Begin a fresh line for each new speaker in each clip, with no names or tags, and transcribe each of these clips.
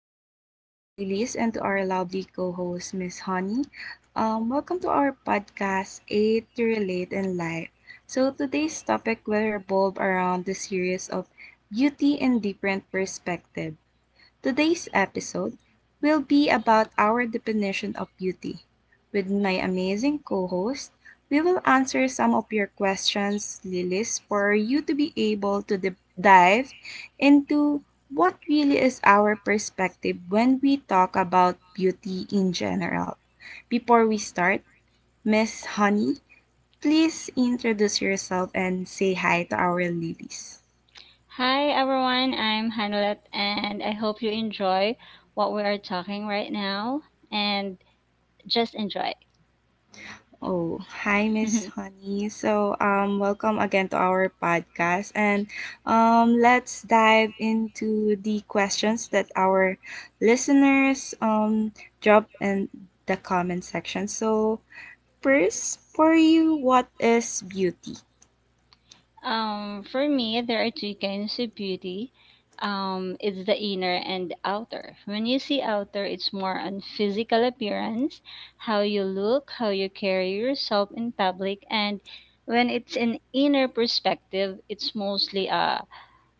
Good day, Lilies, and to our lovely co host, Miss Honey. Welcome to our podcast, Aid to Relate in Life. So, today's topic will revolve around the series of beauty in different perspective. Today's episode will be about our definition of beauty. With my amazing co host, we will answer some of your questions, Lilis, for you to be able to dive into what really is our perspective when we talk about beauty in general. Before we start, Miss Honey, please introduce yourself and say hi to our Lilis.
Hi everyone, I'm Hanulet and I hope you enjoy what we are talking right now and just enjoy.
Oh, hi, Miss Honey. So, welcome again to our podcast, and let's dive into the questions that our listeners drop in the comment section. So, first, for you, what is beauty?
For me, there are two kinds of beauty. It's the inner and the outer. When you see outer, it's more on physical appearance, how you look, how you carry yourself in public, and when it's an inner perspective, it's mostly a.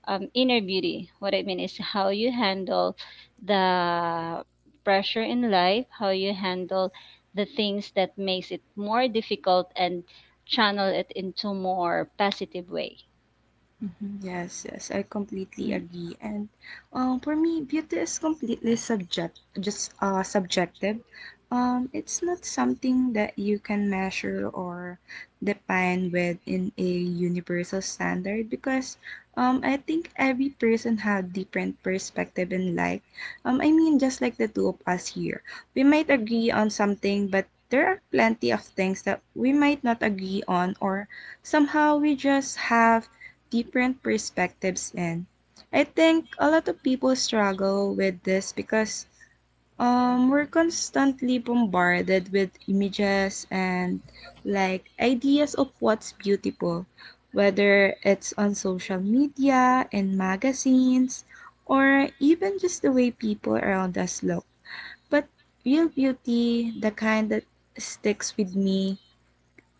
inner beauty. What I mean is how you handle the pressure in life, how you handle
Yes.
the things that makes it more difficult and channel it into more positive way.
Mhm. Yes, yes, I completely
Mm.
agree. And for me, beauty is completely just subjective. It's not something that you can measure or define within a universal standard because I think every person had different perspective in life. I mean, just like the two of us here, we might agree on something, but there are plenty of things that we might not agree on or somehow we just have different perspectives in. I think a lot of people struggle with this because we're constantly bombarded with images and like ideas of what's beautiful, whether it's on social media and magazines or even just the way people around us look. But real beauty, the kind that sticks with me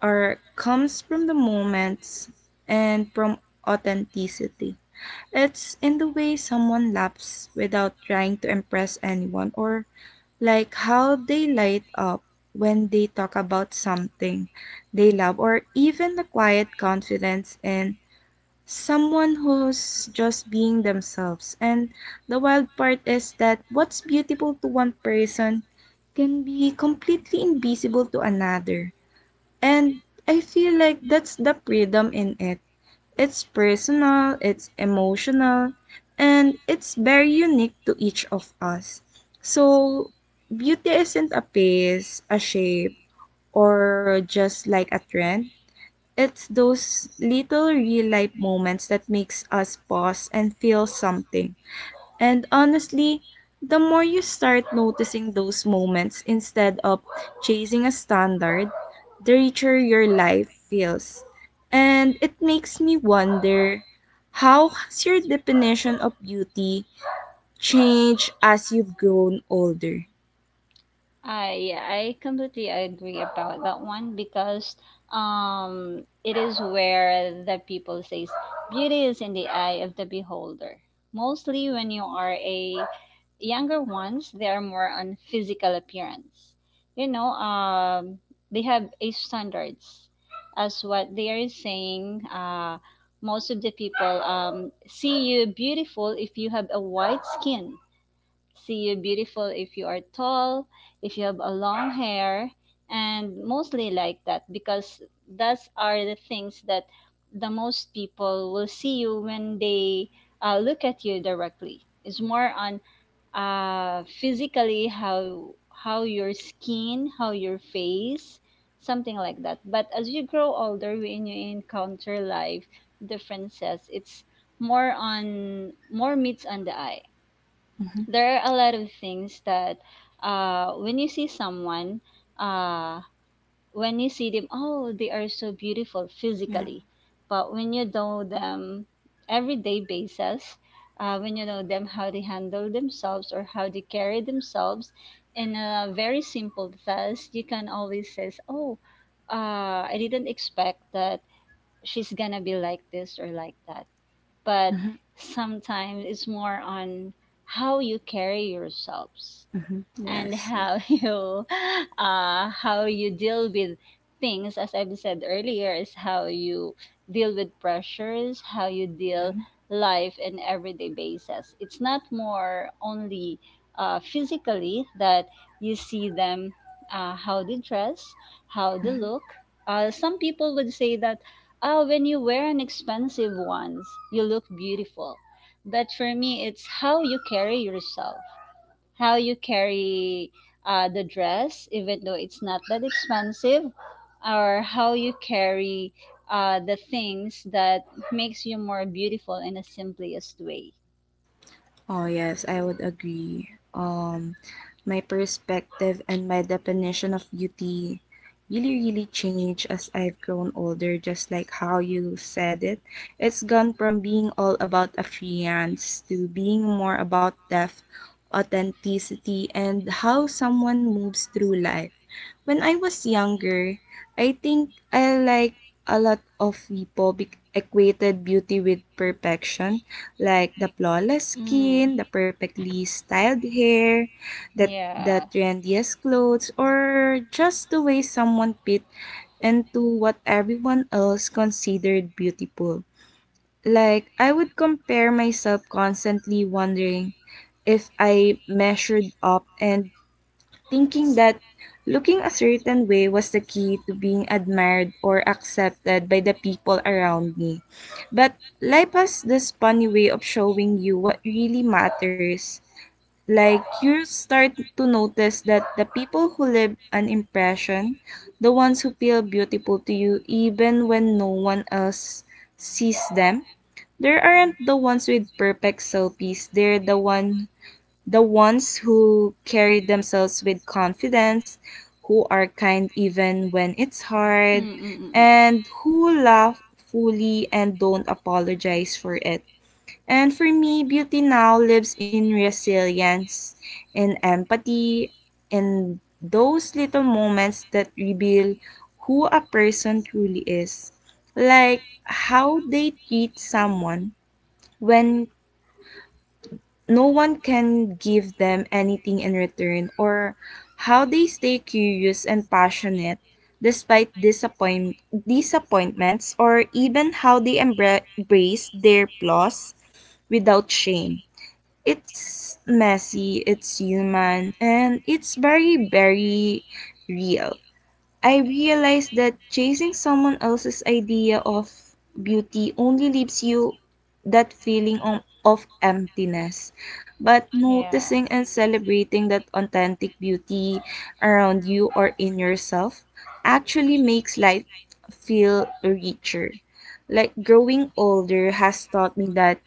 or comes from the moments and from authenticity. It's in the way someone laughs without trying to impress anyone, or like how they light up when they talk about something they love, or even the quiet confidence in someone who's just being themselves. And the wild part is that what's beautiful to one person can be completely invisible to another. And I feel like that's the freedom in it, it's personal, it's emotional, and it's very unique to each of us. So, beauty isn't a face, a shape, or just like a trend. It's those little real life moments that makes us pause and feel something. And honestly, the more you start noticing those moments instead of chasing a standard, the richer your life feels. And it makes me wonder how has your definition of beauty changed as you've grown older?
I completely agree about that one because it is where the people says beauty is in the eye of the beholder. Mostly when you are a younger ones, they are more on physical appearance. You know, they have a standards as what they are saying most of the people see you beautiful if you have a white skin, see you beautiful if you are tall, if you have a long hair, and mostly like that because those are the things that the most people will see you when they look at you directly. It's more on physically how your skin, how your face, something like that. But as you grow older, when you encounter life differences, it's more on more meets on the eye.
Mm-hmm.
There are a lot of things that when you see someone, uh, when you see them, oh, they are so beautiful
Yeah.
physically, but when you know them everyday basis, when you know them, how they handle themselves or how they carry themselves in a very simple task, you can always say, oh, I didn't expect that she's gonna be like this or like that. But
Hmm.
sometimes it's more on how you carry yourselves
Hmm.
and
Yes. Yes.
how you how you deal with things. As I've said earlier, is how you deal with pressures, how you deal
Hmm.
life in everyday basis. It's not more only physically that you see them, how they dress, how they look. Some people would say that, oh, when you wear an expensive ones, you look beautiful. But for me, it's how you carry yourself, how you carry the dress, even though it's not that expensive, or how you carry the things that makes you more beautiful in the simplest way.
Oh, yes, I would agree. My perspective and my definition of beauty really, really changed as I've grown older, just like how you said it. It's gone from being all about appearance to being more about depth, authenticity, and how someone moves through life. When I was younger, I think I, like a lot of people, equated beauty with perfection, like the flawless
Mm.
skin, the perfectly styled hair, the the
Yeah.
trendiest clothes, or just the way someone fit into what everyone else considered beautiful. Like, I would compare myself constantly wondering if I measured up and thinking that looking a certain way was the key to being admired or accepted by the people around me. But life has this funny way of showing you what really matters, like you start to notice that the people who leave an impression, the ones who feel beautiful to you even when no one else sees them, there aren't the ones with perfect selfies. They're the ones who carry themselves with confidence, who are kind even when it's hard, and who laugh fully and don't apologize for it. And for me, beauty now lives in resilience, in empathy, in those little moments that reveal who a person truly is. Like how they treat someone when no one can give them anything in return, or how they stay curious and passionate despite disappointments, or even how they embrace their flaws without shame. It's messy, it's human, and it's very, very real. I realized that chasing someone else's idea of beauty only leaves you that feeling on, of emptiness. But
Yeah.
noticing and celebrating that authentic beauty around you or in yourself actually makes life feel richer. Like growing older has taught me that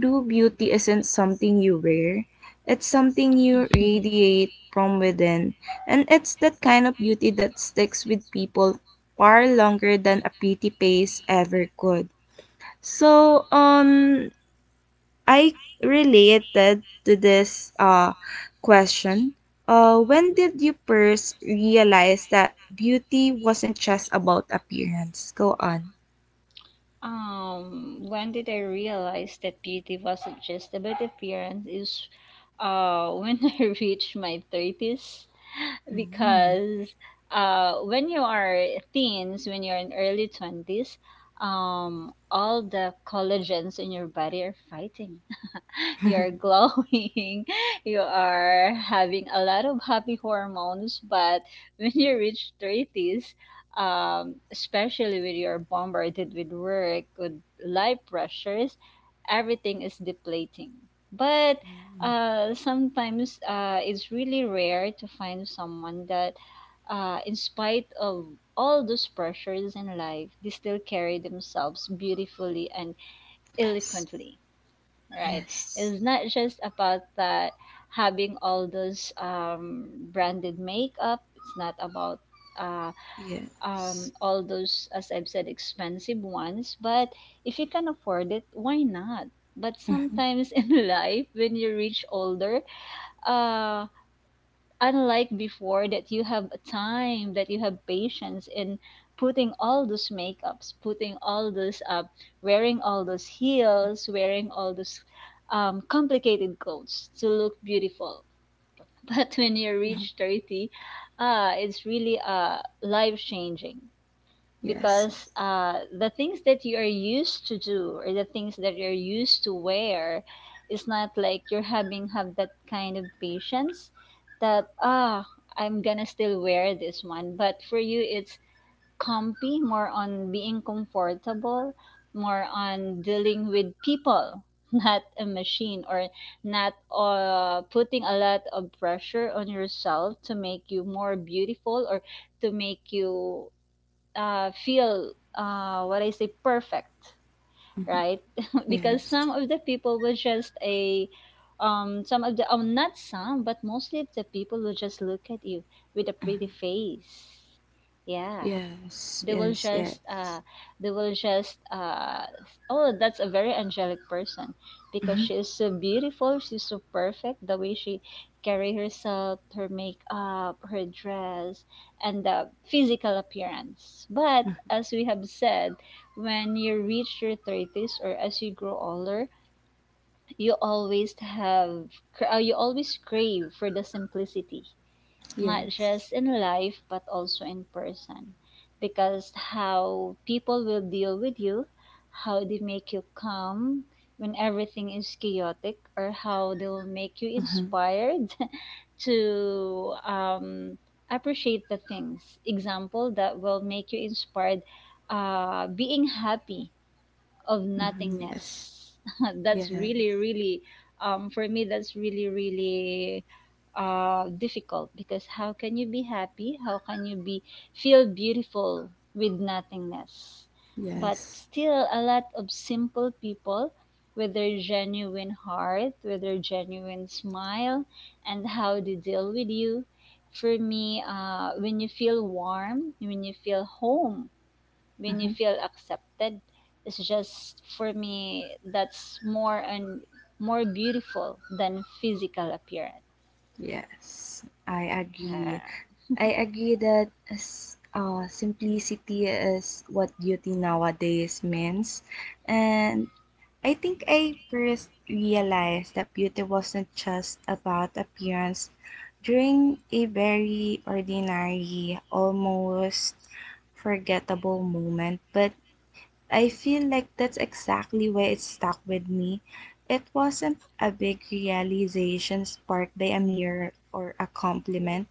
true beauty isn't something you wear, it's something you radiate from within, and it's that kind of beauty that sticks with people far longer than a pretty face ever could. So, I related to this question. When did you first realize that beauty wasn't just about appearance? Go on.
When did I realize that beauty wasn't just about appearance is when I reached my 30s.
Mm.
Because when you are teens, when you're in early 20s, all the collagens in your body are fighting. You're glowing, you are having a lot of happy hormones. But when you reach 30s, especially when you're bombarded with work, with life pressures, everything is depleting. But
Mm.
sometimes it's really rare to find someone that, in spite of all those pressures in life, they still carry themselves beautifully and
Yes.
eloquently, right?
Yes.
It's not just about that having all those branded makeup. It's not about uh,
Yes.
all those, as I've said, expensive ones. But if you can afford it, why not? But
Mhm,
sometimes in life, when you reach older, uh, unlike before that you have time, that you have patience in putting all those makeups, putting all those wearing all those heels, wearing all those complicated clothes to look beautiful. But when you
mhm.
reach 30, it's really life changing.
Yes.
Because
Yes.
the things that you are used to do or the things that you're used to wear is not like you're having have that kind of patience that, ah, I'm gonna still wear this one. But for you it's comfy, more on being comfortable, more on dealing with people not a machine, or not putting a lot of pressure on yourself to make you more beautiful, or to make you feel what I say perfect,
Mhm.
right? Because
Yes.
some of the people will just a some of the, oh, not some, but mostly of the people will just look at you with a pretty
Mhm.
face. Yeah,
Yes,
they will
yes,
just
yes.
uh they will just oh, that's a very angelic person because
Hmm.
she is so beautiful, she's so perfect the way she carry herself, her makeup, her dress, and the physical appearance. But as we have said, when you reach your 30s or as you grow older, you always have you always crave for the simplicity, not
Yes.
just in life but also in person. Because how people will deal with you, how they make you calm when everything is chaotic, or how they will make you
Hmm.
inspired to appreciate the things, example, that will make you inspired, being happy of
Hmm. Yes.
nothingness. That's really,
Yes.
really, for me, that's really, really difficult. Because how can you be happy? How can you be feel beautiful with nothingness? But
Yes.
still, a lot of simple people with their genuine heart, with their genuine smile, and how they deal with you. For me, when you feel warm, when you feel home, when you
Hmm.
feel accepted, it's just for me that's more and more beautiful than physical appearance.
Yes. I agree. I agree that simplicity is what beauty nowadays means. And I think I first realized that beauty wasn't just about appearance during a very ordinary, almost forgettable moment, but I feel like that's exactly why it stuck with me. It wasn't a big realization sparked by a mirror or a compliment.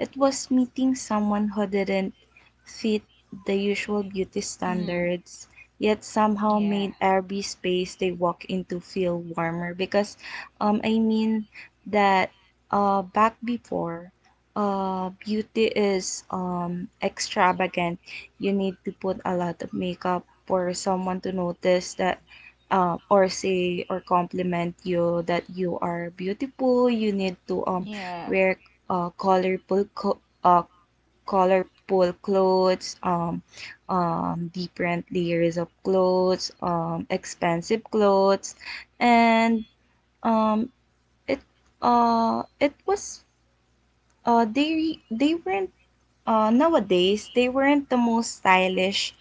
It was meeting someone who didn't fit the usual beauty
Mm.
standards, yet somehow
Yeah.
made every space they walk into feel warmer. Because, I mean that, back before, beauty is extravagant. You need to put a lot of makeup for someone to notice that. Or say or compliment you that you are beautiful, you need to
Yeah.
wear uh, colorful co- uh, colorful clothes, different layers of clothes, expensive clothes, and, um, it it was, they weren't nowadays, they weren't the most stylish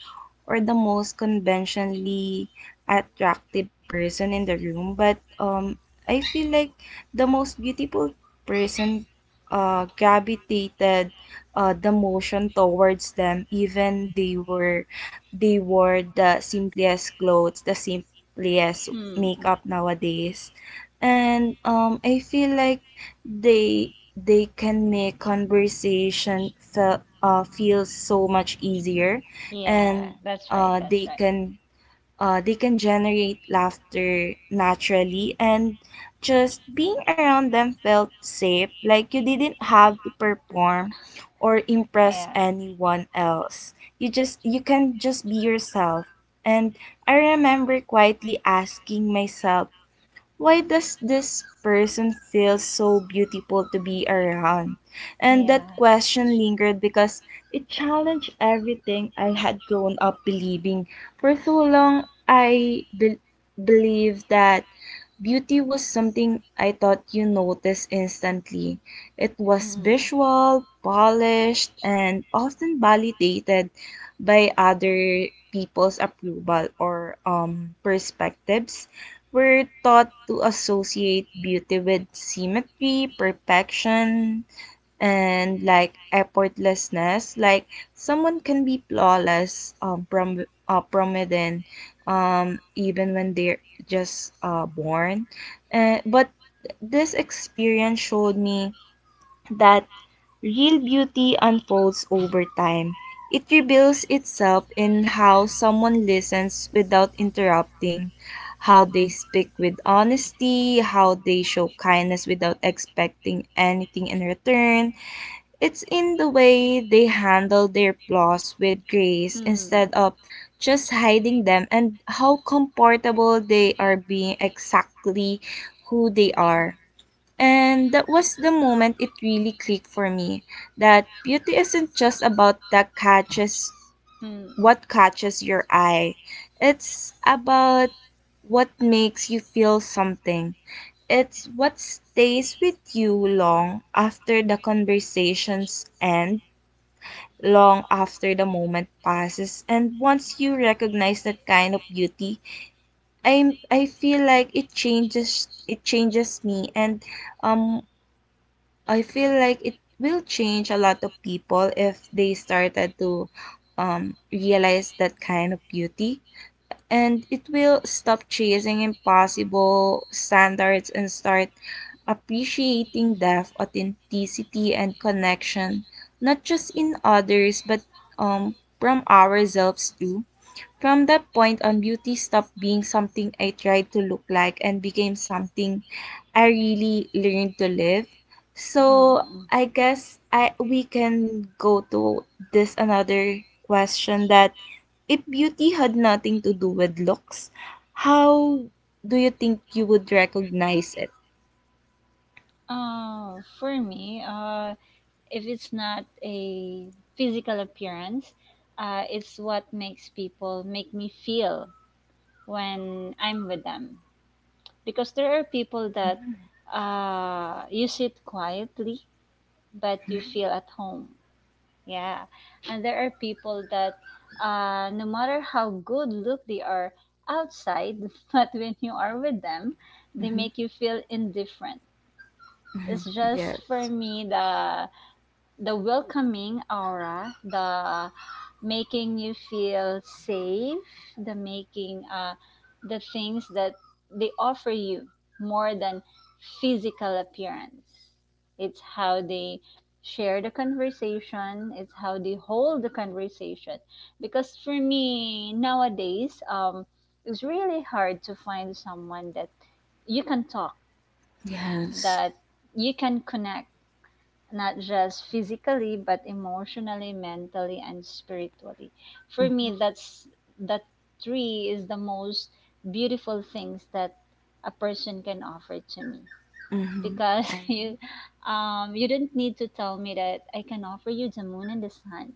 or the most conventionally attractive person in the room, but I feel like the most beautiful person gravitated the motion towards them, even they were, they wore the simplest clothes, the simplest
Hmm.
makeup nowadays, and I feel like they they can make conversation feel feel so much easier,
Yeah.
and
That's right.
uh, they
That's right.
can they can generate laughter naturally, and just being around them felt safe, like you didn't have to perform or impress
Yeah.
anyone else, you just, you can just be yourself. And I remember quietly asking myself, why does this person feel so beautiful to be around? And that
Yeah.
question lingered because it challenged everything I had grown up believing. For so long, I believed that beauty was something I thought you noticed instantly. It was
Mm.
visual, polished, and often validated by other people's approval or perspectives. We're taught to associate beauty with symmetry, perfection, and like effortlessness. Like someone can be flawless, prominent, even when they're just born. But this experience showed me that real beauty unfolds over time. It reveals itself in how someone listens without interrupting, how they speak with honesty, how they show kindness without expecting anything in return. It's in the way they handle their flaws with grace
Mm.
instead of just hiding them, and how comfortable they are being exactly who they are. And that was the moment it really clicked for me that beauty isn't just about that catches
Mm, mm.
what catches your eye. It's about what makes you feel something. It's what stays with you long after the conversations end, long after the moment passes. And once you recognize that kind of beauty, I feel like it changes me, and um I feel like it will change a lot of people if they started to realize that kind of beauty. And it will stop chasing impossible standards and start appreciating depth, authenticity, and connection, not just in others, but, um, from ourselves too. From that point on, beauty stopped being something I tried to look like and became something I really learned to live. So
Mm.
I guess I we can go to this another question that, if beauty had nothing to do with looks, how do you think you would recognize it?
For me, if it's not a physical appearance, it's what makes people make me feel when I'm with them. Because there are people that you sit quietly, but you
Mm-hmm.
feel at home. Yeah. And there are people that no matter how good look they are outside, but when you are with them, they make you feel indifferent.
Mm-hmm.
It's just
Yes.
for me the welcoming aura, the making you feel safe, the making the things that they offer you more than physical appearance. It's how they share the conversation, it's how they hold the conversation. Because for me nowadays, it's really hard to find someone that you can talk,
Yes.
that you can connect not just physically but emotionally, mentally and spiritually. For
Mm-hmm.
me that's that tree is the most beautiful things that a person can offer to me.
Mm-hmm.
Because
I.
you you didn't need to tell me that I can offer you the moon and the sun,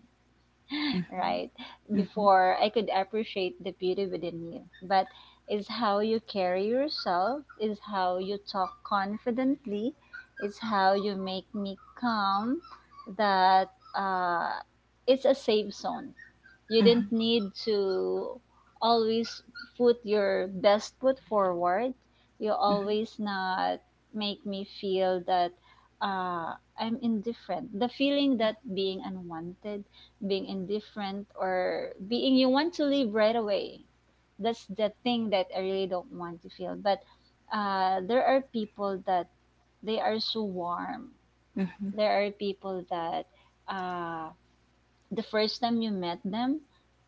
Mm-hmm.
right?
Mm-hmm.
Before I could appreciate the beauty within you. But it's how you carry yourself, is how you talk confidently, is how you make me calm that uh, it's a safe zone. You didn't
Mm-hmm.
need to always put your best foot forward. You
Mm-hmm.
always not make me feel that I'm indifferent. The feeling that being unwanted, being indifferent, or being you want to leave right away. That's the thing that I really don't want to feel. But there are people that they are so warm.
Mm-hmm.
There are people that uh, the first time you met them,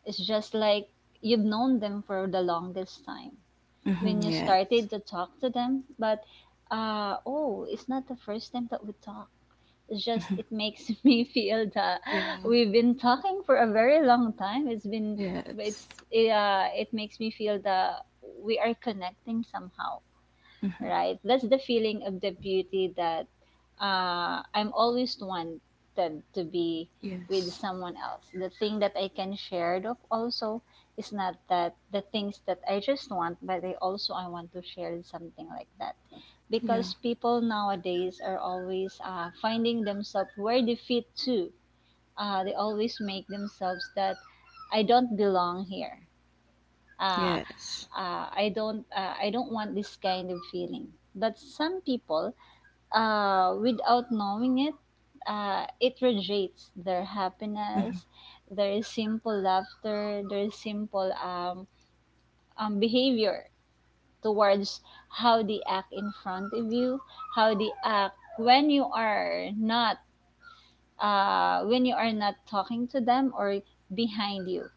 it's just like you've known them for the longest time.
Hmm.
When you started
Yes.
to talk to them, but oh, it's not the first time that we talk, it's just
Hmm.
it makes me feel that
Yeah,
we've been talking for a very long time. It's been,
yes,
it's it, it makes me feel that we are connecting somehow,
hmm,
right? That's the feeling of the beauty that I'm always wanted to be with
yes,
someone else. The thing that I can share of also is not that the things that I just want, but I also I want to share something like that.
yeah,
Because people nowadays are always finding themselves where they fit to. They always make themselves that I don't belong here. Uh,
yes,
I don't want this kind of feeling. But some people, without knowing it, it radiates their
hmm,
happiness, their simple laughter, their simple behavior towards how they act in front of you, how they act when you are not when you are not talking to them or behind you.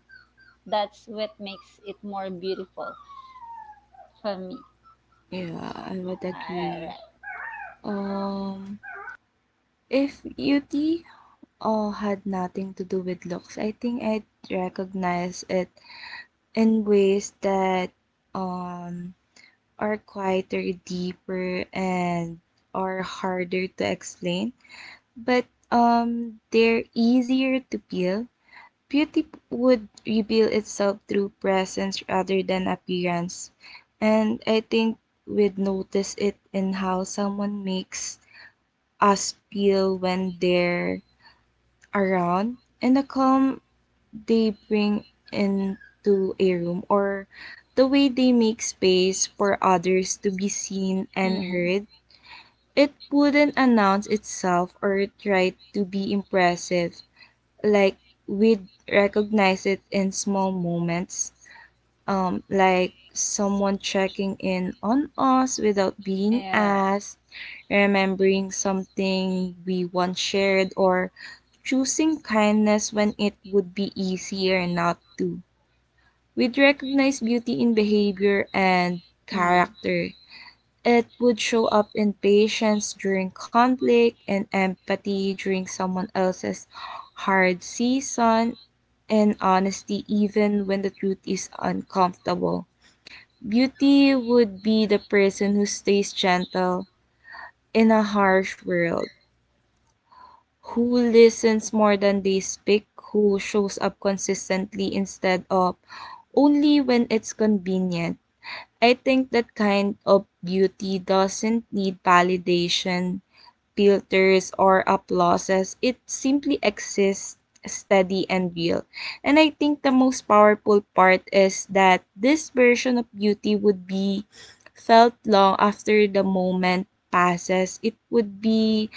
That's what makes it more beautiful for me.
yeah, I would agree.
Alright.
Um, if beauty had nothing to do with looks, I think I'd recognize it in ways that um are quieter, deeper, and are harder to explain, but they're easier to peel. Beauty would reveal itself through presence rather than appearance, and I think we'd notice it in how someone makes us feel when they're around, and the calm they bring into a room, or the way they make space for others to be seen and
Mm.
heard. It wouldn't announce itself or try to be impressive, like we'd recognize it in small moments, like someone checking in on us without being
Yeah.
asked, remembering something we once shared, or choosing kindness when it would be easier not to. We'd recognize beauty in behavior and
Mm.
character, it would show up in patience during conflict, and empathy during someone else's hard season, and honesty even when the truth is uncomfortable. Beauty would be the person who stays gentle in a harsh world, who listens more than they speak, who shows up consistently instead of only when it's convenient. I think that kind of beauty doesn't need validation filters or applauses. It simply exists steady and real. And I think the most powerful part is that this version of beauty would be felt long after the moment passes. It would be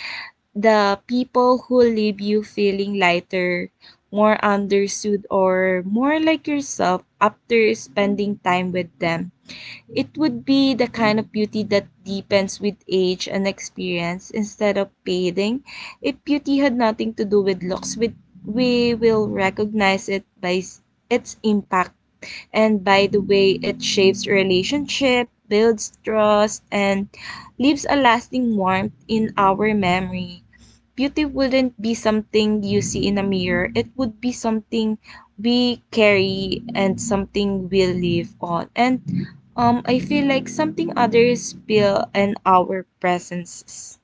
the people who leave you feeling lighter, more understood, or more like yourself after spending time with them. It would be the kind of beauty that deepens with age and experience instead of fading. If beauty had nothing to do with looks, with we will recognize it by its impact and by the way it shapes relationship, builds trust, and leaves a lasting warmth in our memory. Beauty wouldn't be something you see in a mirror. It would be something we carry and something we live on. And I feel like something others feel in our presences.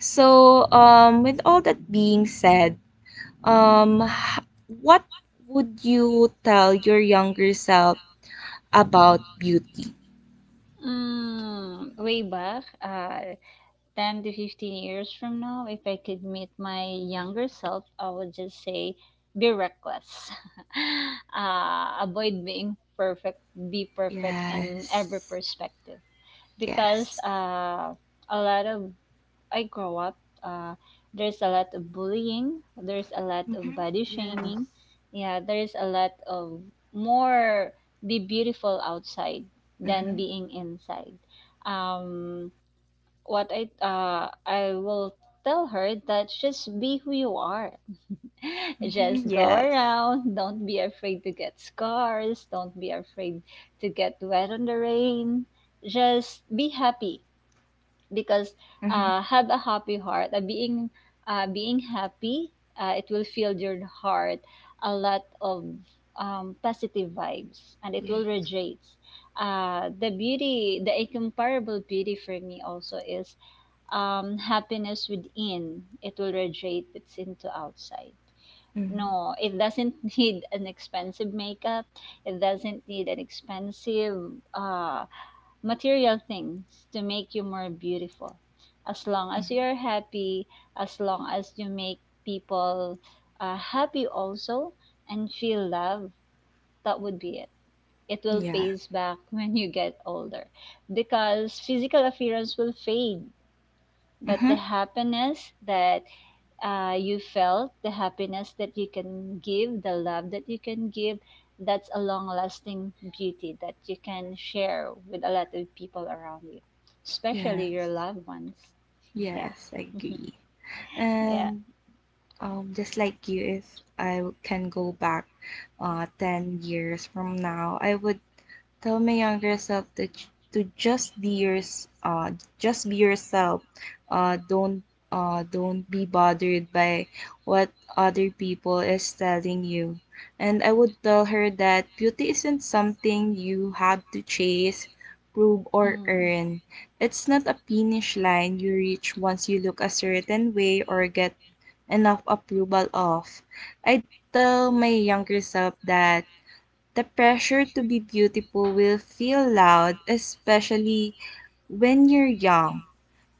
So, with all that being said, um, h- what would you tell your younger self about beauty?
Mm, way back, 10 to 15 years from now, if I could meet my younger self, I would just say be reckless. Avoid being perfect, be perfect in every
Yes.
perspective. Because
Yes.
a lot of I grow up, uh, there's a lot of bullying, there's a lot of
Mm-hmm.
body
Yes.
shaming, yeah, there's a lot of more be beautiful outside than
Mhm.
being inside. Um, what I will tell her that just be who you are.
Mm-hmm.
Just go
Yes.
around. Don't be afraid to get scars. Don't be afraid to get wet on the rain. Just be happy because
Mhm.
have a happy heart, being being happy, it will fill your heart a lot of positive vibes and it will
Yes.
radiate the beauty, the incomparable beauty. For me also is happiness within, it will radiate it's into outside.
Mhm.
No, it doesn't need an expensive makeup, it doesn't need an expensive material things to make you more beautiful. As long as
Mhm.
you're happy, as long as you make people happy also and feel love, that would be it. It will
Yeah.
pays back when you get older, because physical appearance will fade, but the
Mhm.
happiness that you felt, the happiness that you can give, the love that you can give, that's a long lasting beauty that you can share with a lot of people around you, especially your
Yes.
loved ones. Yeah.
Yes, I agree.
Yeah.
And just like you, if I can go back 10 years from now, I would tell my younger self to, to just be yours, just be yourself. Don't don't be bothered by what other people is telling you. And I would tell her that beauty isn't something you have to chase, prove, or
Mm.
earn. It's not a finish line you reach once you look a certain way or get enough approval of. I tell my younger self that the pressure to be beautiful will feel loud, especially when you're young.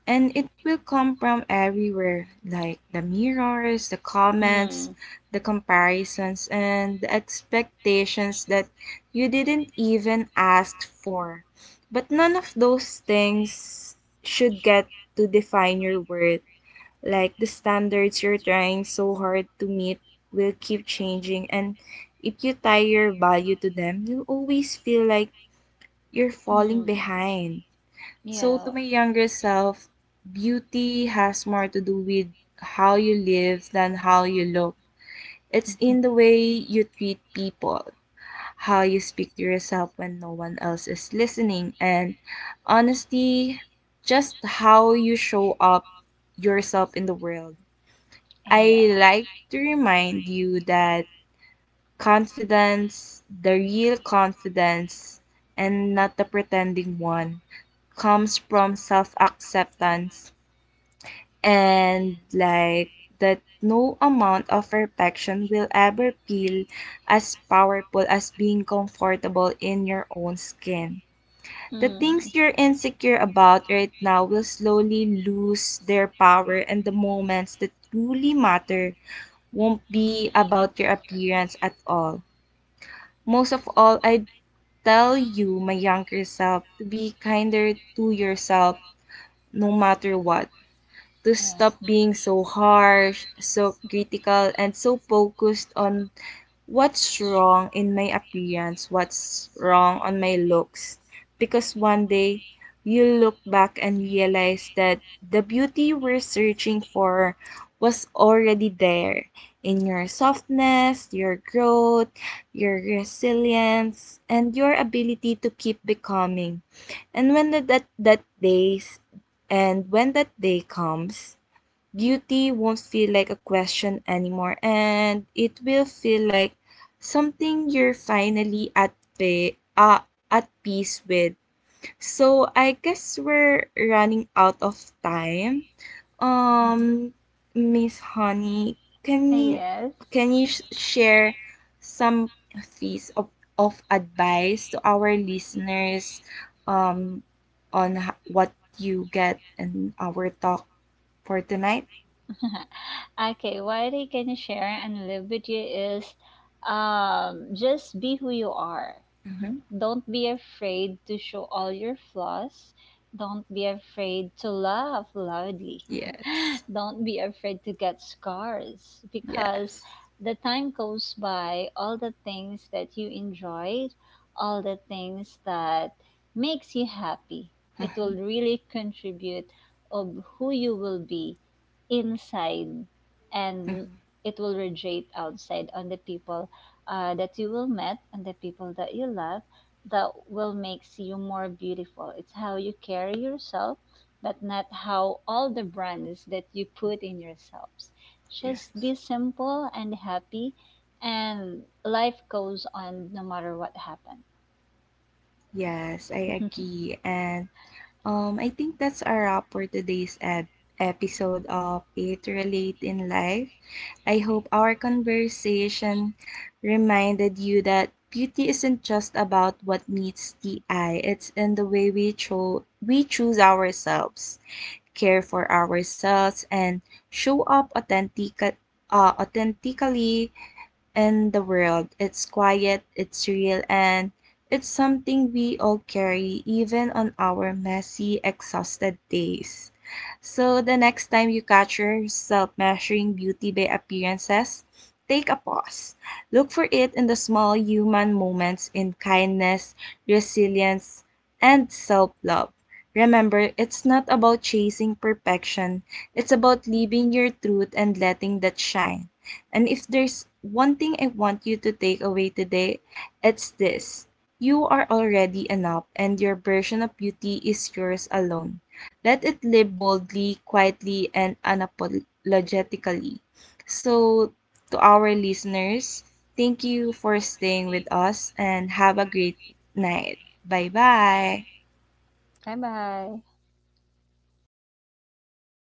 And it will come from everywhere like the mirrors, the comments,
Mm.
the comparisons, and the expectations that you didn't even ask for. But none of those things should get to define your worth like the standards you're trying so hard to meet will keep changing, and if you tie your value to them you'll always feel like you're falling
Mm.
behind. So to
Yeah.
my younger self, beauty has more to do with how you live than how you look. It's in the way you treat people, how you speak to yourself when no one else is listening, and honestly just how you show up yourself in the world. I
Yeah.
like to remind you that confidence, the real confidence, and not the pretending one, comes from self acceptance and like that no amount of perfection will ever feel as powerful as being comfortable in your own skin. The
Mm. Yeah.
things you're insecure about right now will slowly lose their power and the moments that truly matter won't be about your appearance at all. Most of all, I tell you, my younger self, to be kinder to yourself no matter what, to stop being so harsh, so critical, and so focused on what's wrong in my appearance, what's wrong on my looks. Because one day, you look back and realize that the beauty you we're searching for was already there in your softness, your growth, your resilience, and your ability to keep becoming. And when that that that days and when that day comes, beauty won't feel like a question anymore and it will feel like something you're finally at peace with. So I guess we're running out of time. Um Miss Honey, can you
Yes.
share some piece of advice to our listeners um what you get in our talk for tonight?
Okay, what I can share and live with you is just be who you are.
Mhm.
Don't be afraid to show all your flaws. Don't be afraid to laugh loudly.
Yes.
Don't be afraid to get scars because
Yes.
the time goes by, all the things that you enjoyed, all the things that makes you happy, it will
Mhm,
really contribute of who you will be inside, and
mhm.
it will radiate outside on the people that you will met and the people that you love, that will makes you more beautiful. It's how you carry yourself, but not how all the brands that you put in yourselves. Just
Yes.
be simple and happy, and life goes on no matter what happened.
Yes, I agree. And I think that's a wrap for today's episode of It Relate in Life. I hope our conversation reminded you that beauty isn't just about what meets the eye, it's in the way we choose ourselves, care for ourselves and show up authentically in the world. It's quiet, it's real, and it's something we all carry even on our messy, exhausted days. So the next time you catch yourself measuring beauty by appearances, take a pause. Look for it in the small human moments in kindness, resilience, and self love. Remember, it's not about chasing perfection, it's about living your truth and letting that shine. And if there's one thing I want you to take away today, it's this. You are already enough, and your version of beauty is yours alone. Let it live boldly, quietly, and unapologetically. So, to our listeners, thank you for staying with us and have a great night. Bye bye.
Bye bye.